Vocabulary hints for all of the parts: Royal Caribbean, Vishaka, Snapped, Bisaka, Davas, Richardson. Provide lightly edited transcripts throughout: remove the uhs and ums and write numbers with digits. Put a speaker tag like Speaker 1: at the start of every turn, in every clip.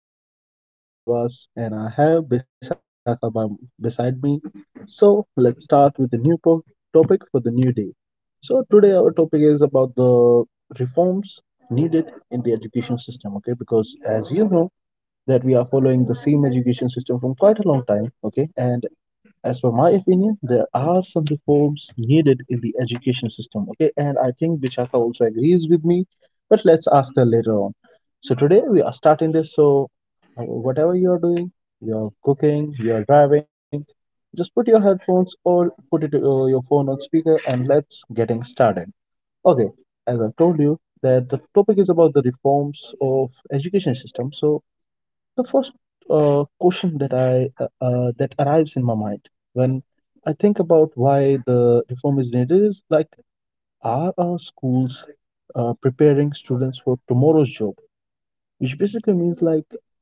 Speaker 1: back to our new podcast. This is Davas and I have Bisaka beside me. So let's start with the new topic for the new day. So today our topic is about the reforms needed in the education system, okay? Because as you know that we are following the same education system from quite a long time, okay? And as per my opinion, there are some reforms needed in the education system. Okay, and I think Vishaka also agrees with me, but let's ask her later on. So today we are starting this. So whatever you are doing, you are cooking, you are driving, just put your headphones or put it your phone on speaker and let's getting started. Okay, as I've told you that the topic is about the reforms of education system. So the first question that I that arrives in my mind when I think about why the reform is needed is like, are our schools preparing students for tomorrow's job? Which basically means like,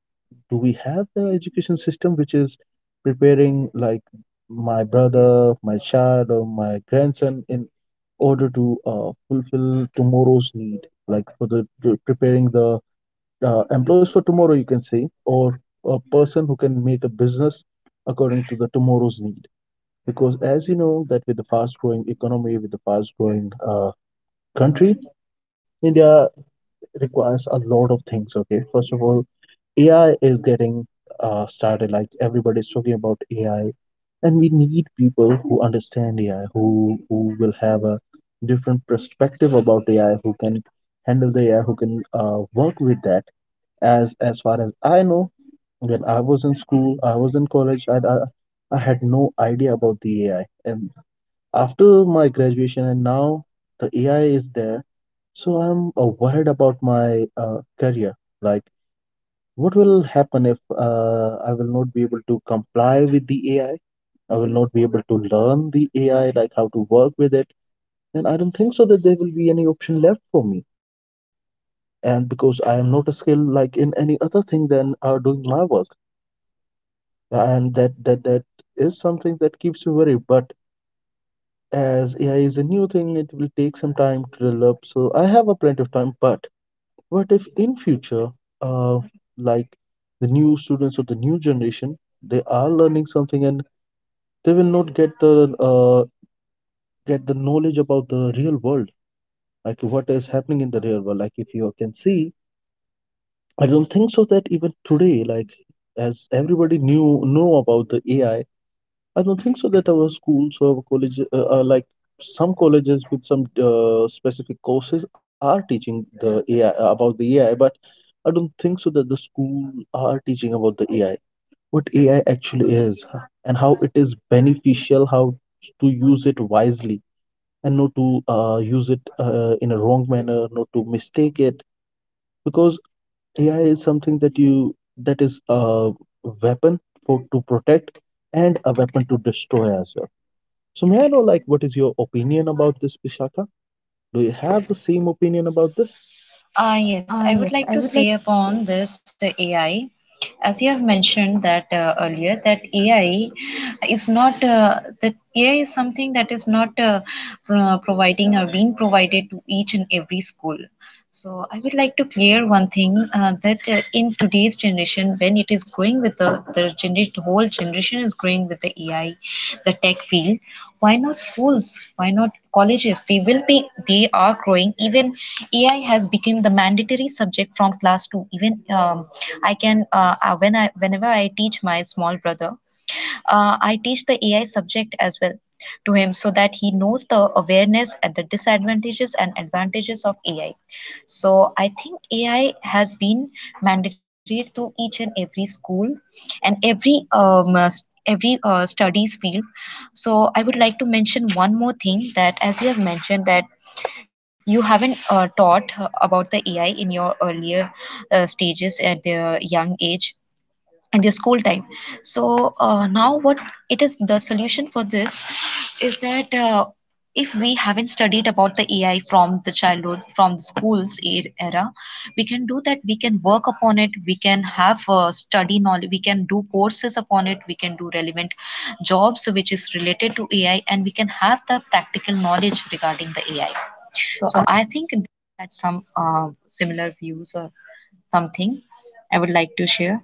Speaker 1: do we have the education system which is preparing like my brother, my child, or my grandson in order to fulfill tomorrow's need, like for the preparing the employees for tomorrow, you can say, or a person who can make a business according to the tomorrow's need. Because as you know, that with the fast-growing economy, with the fast-growing country, India requires a lot of things. Okay, first of all, AI is getting started. Like everybody's talking about AI, and we need people who understand AI, who will have a different perspective about AI, who can handle the AI, who can work with that as far as I know. When I was in school, I was in college, I had no idea about the AI. And after my graduation and now the AI is there, so I'm worried about my career. Like, what will happen if I will not be able to comply with the AI? I will not be able to learn the AI, like how to work with it. Then I don't think so that there will be any option left for me, and because I am not a skill like in any other thing than doing my work, and that is something that keeps you worried. But as AI is a new thing, it will take some time to develop, so I have a plenty of time. But what if in future, uh like, the new students of the new generation, they are learning something and they will not get the knowledge about the real world. Like, what is happening in the real world? Like, if you can see, I don't think so that even today, like, as everybody knew know about the AI, I don't think so that our schools or colleges, like some colleges with some specific courses, are teaching the AI about the AI. But I don't think so that the school are teaching about the AI, what AI actually is, and how it is beneficial, how to use it wisely, and not to use it in a wrong manner, not to mistake it, because AI is something that is a weapon for to protect and a weapon to destroy as well. So may I know like what is your opinion about this, Vishaka? Do you have the same opinion about this?
Speaker 2: Uh,
Speaker 1: Ah,
Speaker 2: yes,
Speaker 1: yes,
Speaker 2: I would
Speaker 1: I would
Speaker 2: like
Speaker 1: like.
Speaker 2: to say upon this AI, as you have mentioned that earlier, that AI is not that AI is something that is not providing or being provided to each and every school. So I would like to clear one thing that in today's generation, when it is growing with the generation, the whole generation is growing with the AI, the tech field. Why not schools? Why not colleges? They will be. They are growing. Even AI has become the mandatory subject from class two. Even I can whenever I teach my small brother, I teach the AI subject as well to him so that he knows the awareness at the disadvantages and advantages of AI. So I think AI has been mandatory to each and every school and every studies field. So I would like to mention one more thing that as you have mentioned that you haven't taught about the AI in your earlier stages at the young age in their school time, so now, what it is, the solution for this is that if we haven't studied about the AI from the childhood, from the era, we can do that, we can work upon it, we can have study knowledge, we can do courses upon it, we can do relevant jobs which is related to AI, and we can have the practical knowledge regarding the AI.
Speaker 1: So, I.
Speaker 2: So I think that some similar views or something I would like to share.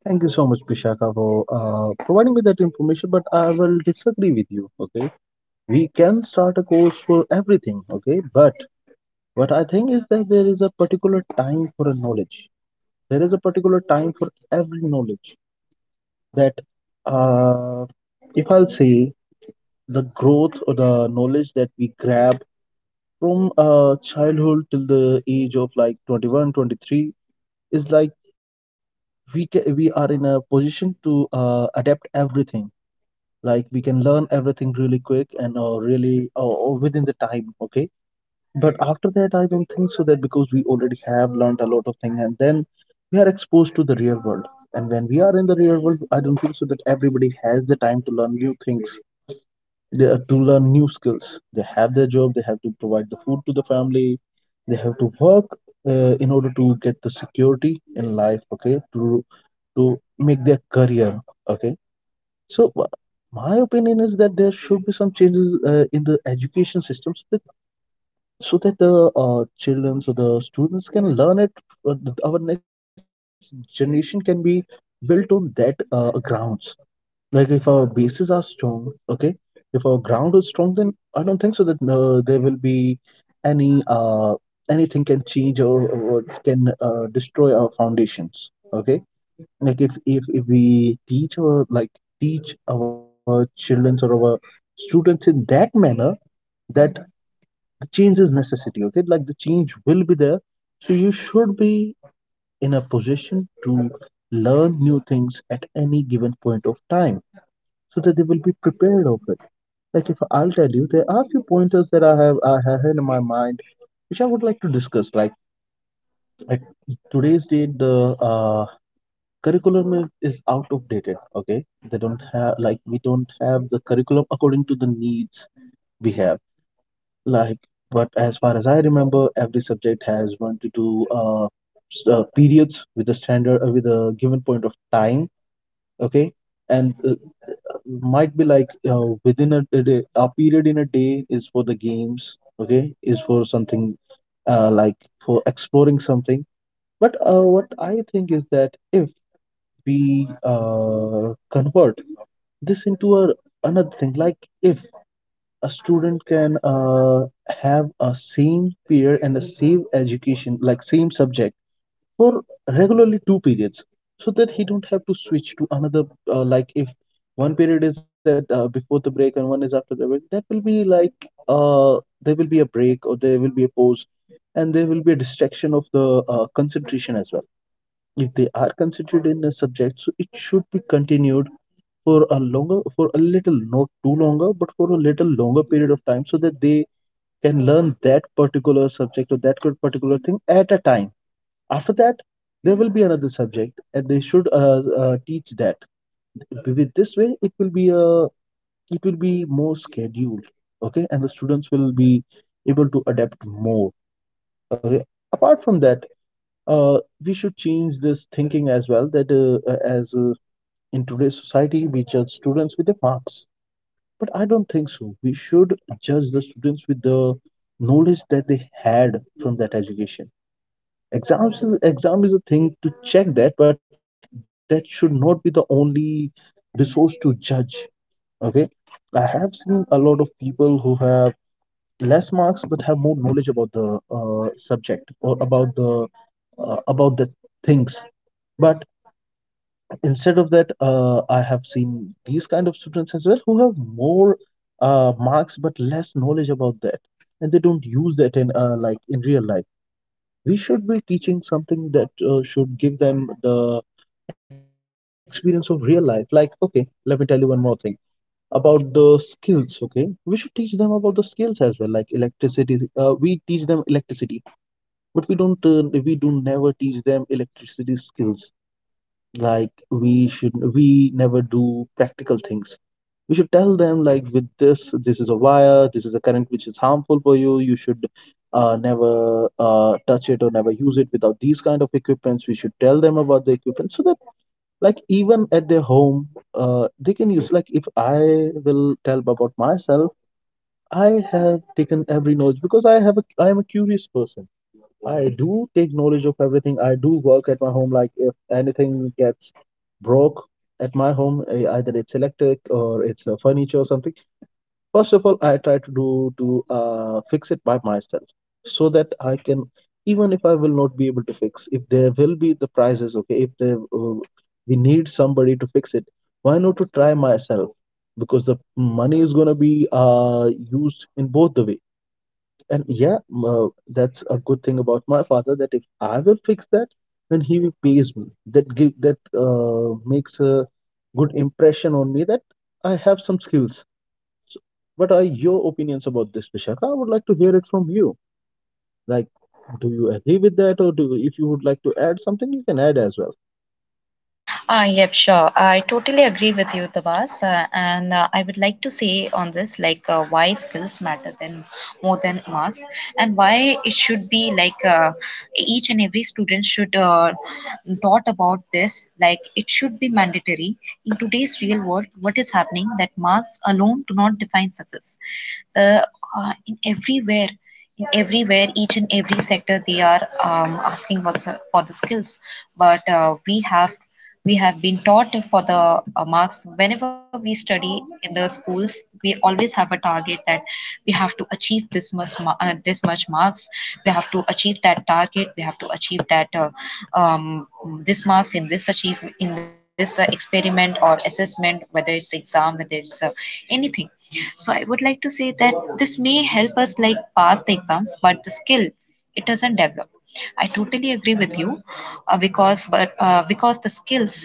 Speaker 1: Thank you so much, Vishaka, for providing me that information. But I will disagree with you. Okay, we can start a course for everything. Okay, but what I think is that there is a particular time for a knowledge. There is a particular time for every knowledge. That uh, if I'll say, the growth or the knowledge that we grab from childhood till the age of like 21, 23 is like, we we are in a position to adapt everything, like we can learn everything really quick and really or within the time, okay? But after that, I don't think so, that because we already have learned a lot of things, and then we are exposed to the real world. And when we are in the real world, I don't think so that everybody has the time to learn new things. They have to learn new skills, they have their job, they have to provide the food to the family, they have to work in order to get the security in life, okay, to make their career. Okay, so my opinion is that there should be some changes in the education systems, that, so that the children, so the students can learn it. uh, our next generation can be built on that grounds. Like if our bases are strong, okay, if our ground is strong, then I don't think so that there will be any anything can change, or can destroy our foundations. Okay, like if we teach our, children or our students in that manner, that the change is necessity. Okay, like the change will be there, so you should be in a position to learn new things at any given point of time, so that they will be prepared of it. Like if I'll tell you, there are few pointers that I have in my mind which I would like to discuss. Like at today's date, the curriculum is out of dated. Okay, they don't have, like we don't have the curriculum according to the needs we have. Like, but as far as I remember, every subject has one to two periods with a standard, with a given point of time. Okay, and might be like, within a day, a period in a day is for the games. Okay, is for something, like for exploring something. But what I think is that if we convert this into another thing, like if a student can have a same period and the same education, like same subject, for regularly two periods, so that he don't have to switch to another. Like if one period is at, before the break and one is after the break, that will be like, uh, there will be a break or there will be a pause, and there will be a distraction of the concentration as well. If they are considered in a subject, so it should be continued for a longer, for a little, not too longer, but for a little longer period of time, so that they can learn that particular subject or that particular thing at a time. After that, there will be another subject, and they should teach that. With this way, it will be, more scheduled. Okay, and the students will be able to adapt more. Okay. Apart from that, uh, we should change this thinking as well. That as in today's society, we judge students with their marks, but I don't think so. We should judge the students with the knowledge that they had from that education. Exam is a thing to check that, but that should not be the only resource to judge. Okay, I have seen a lot of people who have less marks but have more knowledge about the subject or about the things. But instead of that, I have seen these kind of students as well who have more marks but less knowledge about that, and they don't use that in, like in real life. We should be teaching something that should give them the experience of real life. Like, okay, let me tell you one more thing about the skills. Okay, we should teach them about the skills as well, like electricity. We teach them electricity, but we do never teach them electricity skills. Like, we never do practical things. We should tell them, like, with this, this is a wire, this is a current which is harmful for You should never touch it or never use it without these kind of equipments. We should tell them about the equipment, so that like even at their home, they can use. Like if I will tell about myself, I have taken every knowledge because I am a curious person. I do take knowledge of everything. I do work at my home. Like if anything gets broke at my home, either it's electric or it's a furniture or something. First of all, I try to fix it by myself, so that I can, even if I will not be able to fix, if there will be the prices, okay, if there, we need somebody to fix it. Why not to try myself? Because the money is gonna be used in both the way. And yeah, that's a good thing about my father that if I will fix that, then he will pays me. That give that makes a good impression on me that I have some skills. So, what are your opinions about this, Vishaka? I would like to hear it from you. Like, do you agree with that, or do if you would like to add something, you can add as well.
Speaker 2: Yep, sure. I totally agree with you, Tabas. And I would like to say on this, like, why skills matter than more than marks, and why it should be like each and every student should taught about this. Like, it should be mandatory in today's real world. What is happening that marks alone do not define success, the in everywhere, each and every sector they are asking for for the skills, but we have been taught for the marks. Whenever we study in the schools, we always have a target that we have to achieve this much marks, we have to achieve that target, we have to achieve that um, this marks in this achieve in this experiment or assessment, whether it's exam, whether it's anything. So I would like to say that this may help us like pass the exams, but the skill, it doesn't develop. I totally agree with you, because but because the skills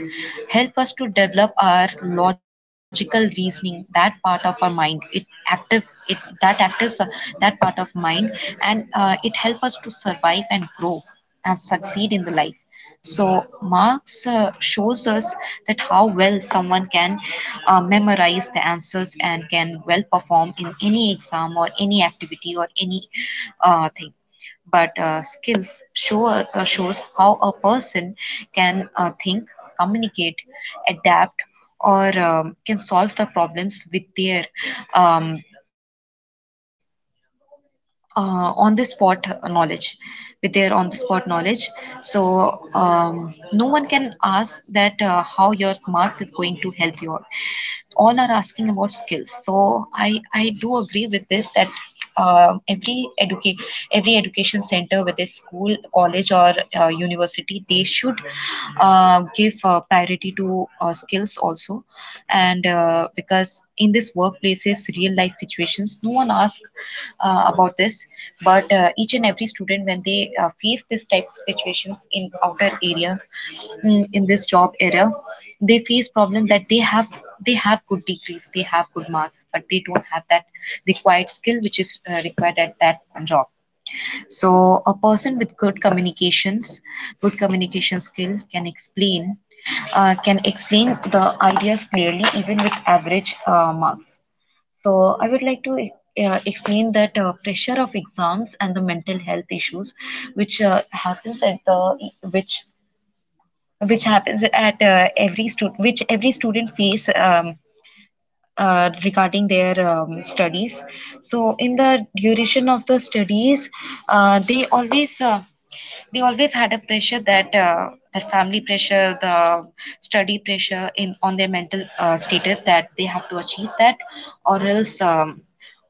Speaker 2: help us to develop our logical reasoning, that part of our mind, it active it that actives that part of mind, and it help us to survive and grow and succeed in the life. So Marx shows us that how well someone can memorize the answers and can well perform in any exam or any activity or any thing. But skills shows how a person can think, communicate, adapt, or can solve the problems with their um, uh, on the spot knowledge, with their on the spot knowledge. So no one can ask that how your marks is going to help you. All are asking about skills. So I do agree with this that uh, every educate every education center, whether school, college, or university, they should give priority to skills also. And because in this workplaces, real life situations, no one asks about this. But each and every student, when they face this type of situations in outer areas, in this job era, they face problem that they have, they have good degrees, they have good marks, but they don't have that required skill which is required at that job. So a person with good communications, good communication skill, can explain the ideas clearly even with average marks. So I would like to explain that pressure of exams and the mental health issues, which happens at the which which happens at every student, which every student face regarding their studies. So in the duration of the studies, uh, they always uh, they always had a pressure that the family pressure, the study pressure in on their mental status that they have to achieve that, or else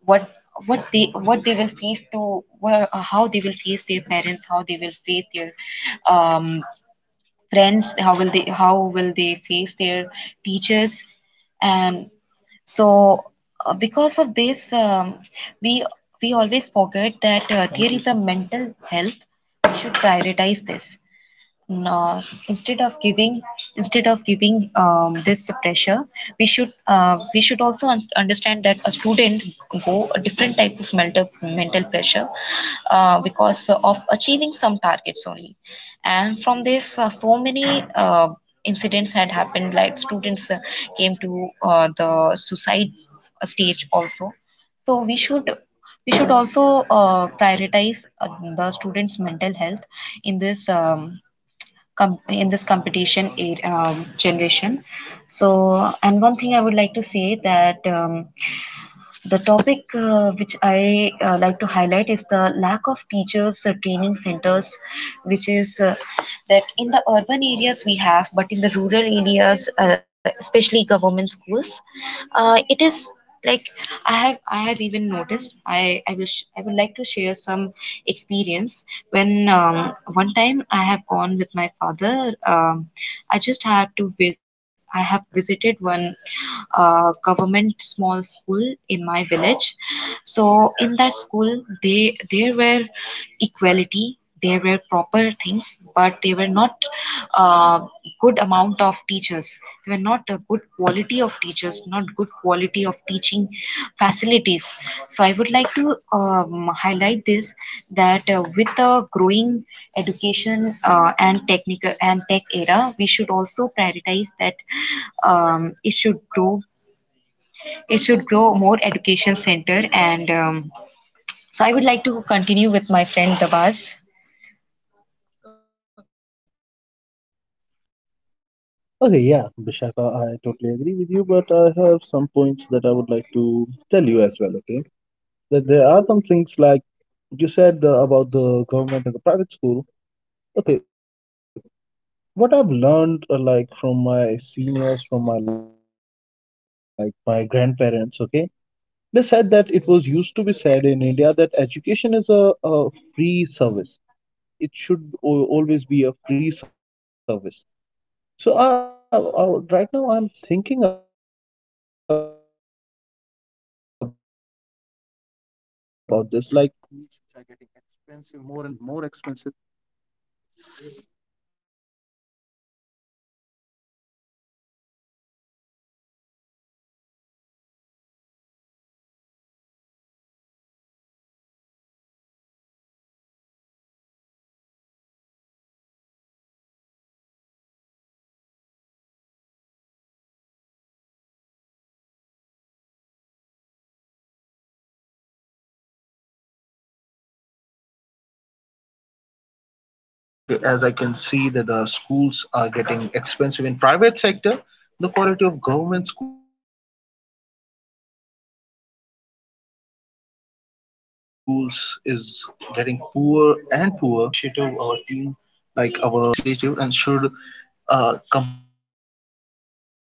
Speaker 2: what what they will face to how they will face their parents, how they will face their um, friends, how will they face their teachers. And so because of this we we always forget that there is a mental health. We should prioritize this, no, instead of giving instead of giving this pressure, we should also understand that a student go a different type of mental pressure because of achieving some targets only. And from this, so many incidents had happened, like students came to the suicide stage also. So we should, we should also prioritize the students mental health in this com in this competition generation. So, and one thing I would like to say that the topic which I like to highlight is the lack of teachers training centers, which is that in the urban areas we have, but in the rural areas, especially government schools, it is, like, I have even noticed. I would like to share some experience when, one time I have gone with my father. I just had to vis- I have visited one government small school in my village. So in that school, they there were equality, there were proper things, but there were not uh, good amount of teachers, there were not a good quality of teachers, not good quality of teaching facilities. So I would like to highlight this, that with the growing education and technical and tech era, we should also prioritize that um, it should grow it should grow more education center. And so I would like to continue with my friend Dabas.
Speaker 1: Okay, yeah, Vishaka, I totally agree with you, but I have some points that I would like to tell you as well, okay? That there are some things like you said about the government and the private school. Okay, what I've learned, like from my seniors, from my grandparents. Okay, they said that it was used to be said in India that education is a free service. It's never a paid service. Okay, there are no charges for that. It should always be a free service. So right now I'm thinking about this, like then what happened with that? Like, as I can see the
Speaker 2: Okay, as I can see that the schools are getting expensive in private sector, the quality of government schools is getting poor and poor. So I'm thinking what my government is doing, like, we should take an initiative, our team, like our schools, our seniors should take an initiative and should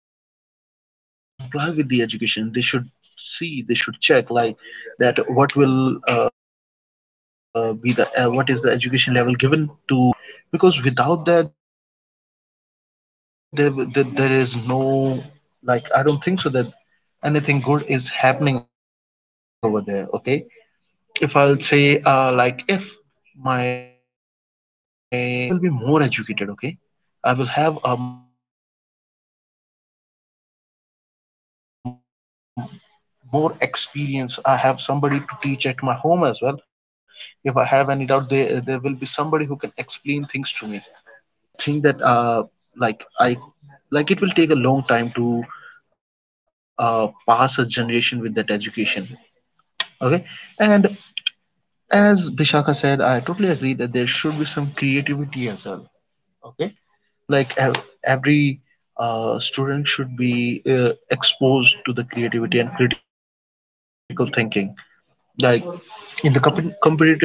Speaker 2: comply with the education. They should see, they should check, like, that what will be the what is the education level given to their childs, to their students. Okay, because without that, there is no, like, I don't think so that anything good is happening over there. Okay, if I'll say, like, if my grandparents or my parents are educated, that means that I will be more educated, okay? I will have more experience. I have somebody to teach at my home as well. If I have any doubt, there will be somebody who can explain things to me. If I don't have that, then I don't think so that there is any thing that like I like it will take a long time to pass a generation with that education. Okay, and as Bishaka said, I totally agree that there should be some creativity as well. Okay, like, every student should be exposed to the creativity and critical thinking. Like, in the competitive exams, as you see,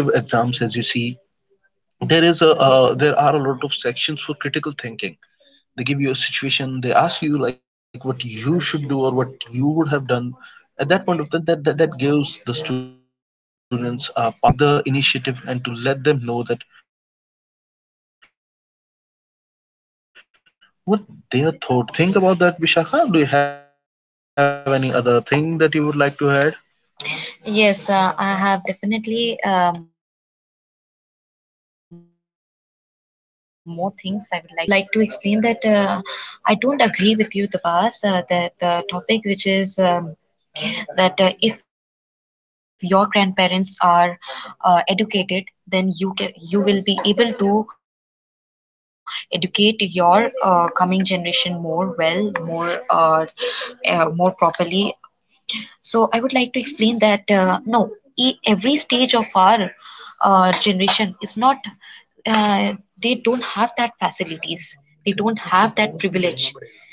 Speaker 2: there are a lot of sections for critical thinking. They give you a situation, they ask you like what you should do or what you would have done at that point of time. That gives the students power to think, okay, and to take the initiative and to let them know that what their thought is, what their point is in that situation. Don't you think about that, Vishakha? Do you have any other thing that you would like to add? Yes, I have definitely more things I would like to explain, that at one topic, I would like to explain that I don't agree with you, Tabas, that the topic which is that if your grandparents are educated, then you can, you will be able to educate your coming generation more well, more more properly. So I would like to explain that no, every stage of our generation is not, uh, they don't have that facilities. They don't have that privilege.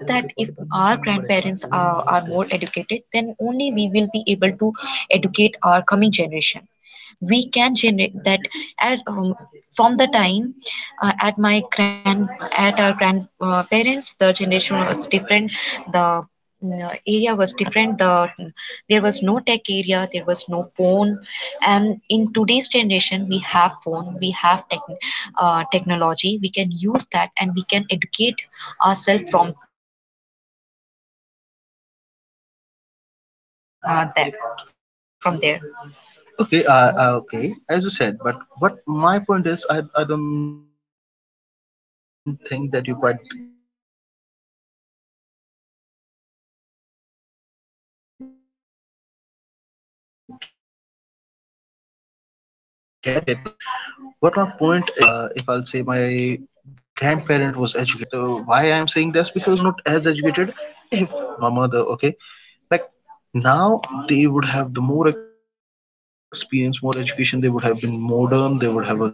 Speaker 2: It's not that if our grandparents are more educated, then only we will be able to educate our coming generation. We can generate that at, from the time, at my grand at our grandparents, the generation was different, the, area was different, the, there was no tech area, there was no phone. And in today's generation, we have phone, we have tech, technology, we can use that and we can educate ourselves from there from there. Okay, okay, as you said, but what my point is, I don't think that you quite get it, okay? What my point is that, well, like if my if I'll say my grandparent was educated, they would have educated my parents as well. As I can see at why I am saying this, because my parents are not educated at this point of time. Okay, they are not as educated. If if they have grandparents would have educated my father, my mother. Okay, like, now they would have the more experience, more education. They would have been modern. They would have a, other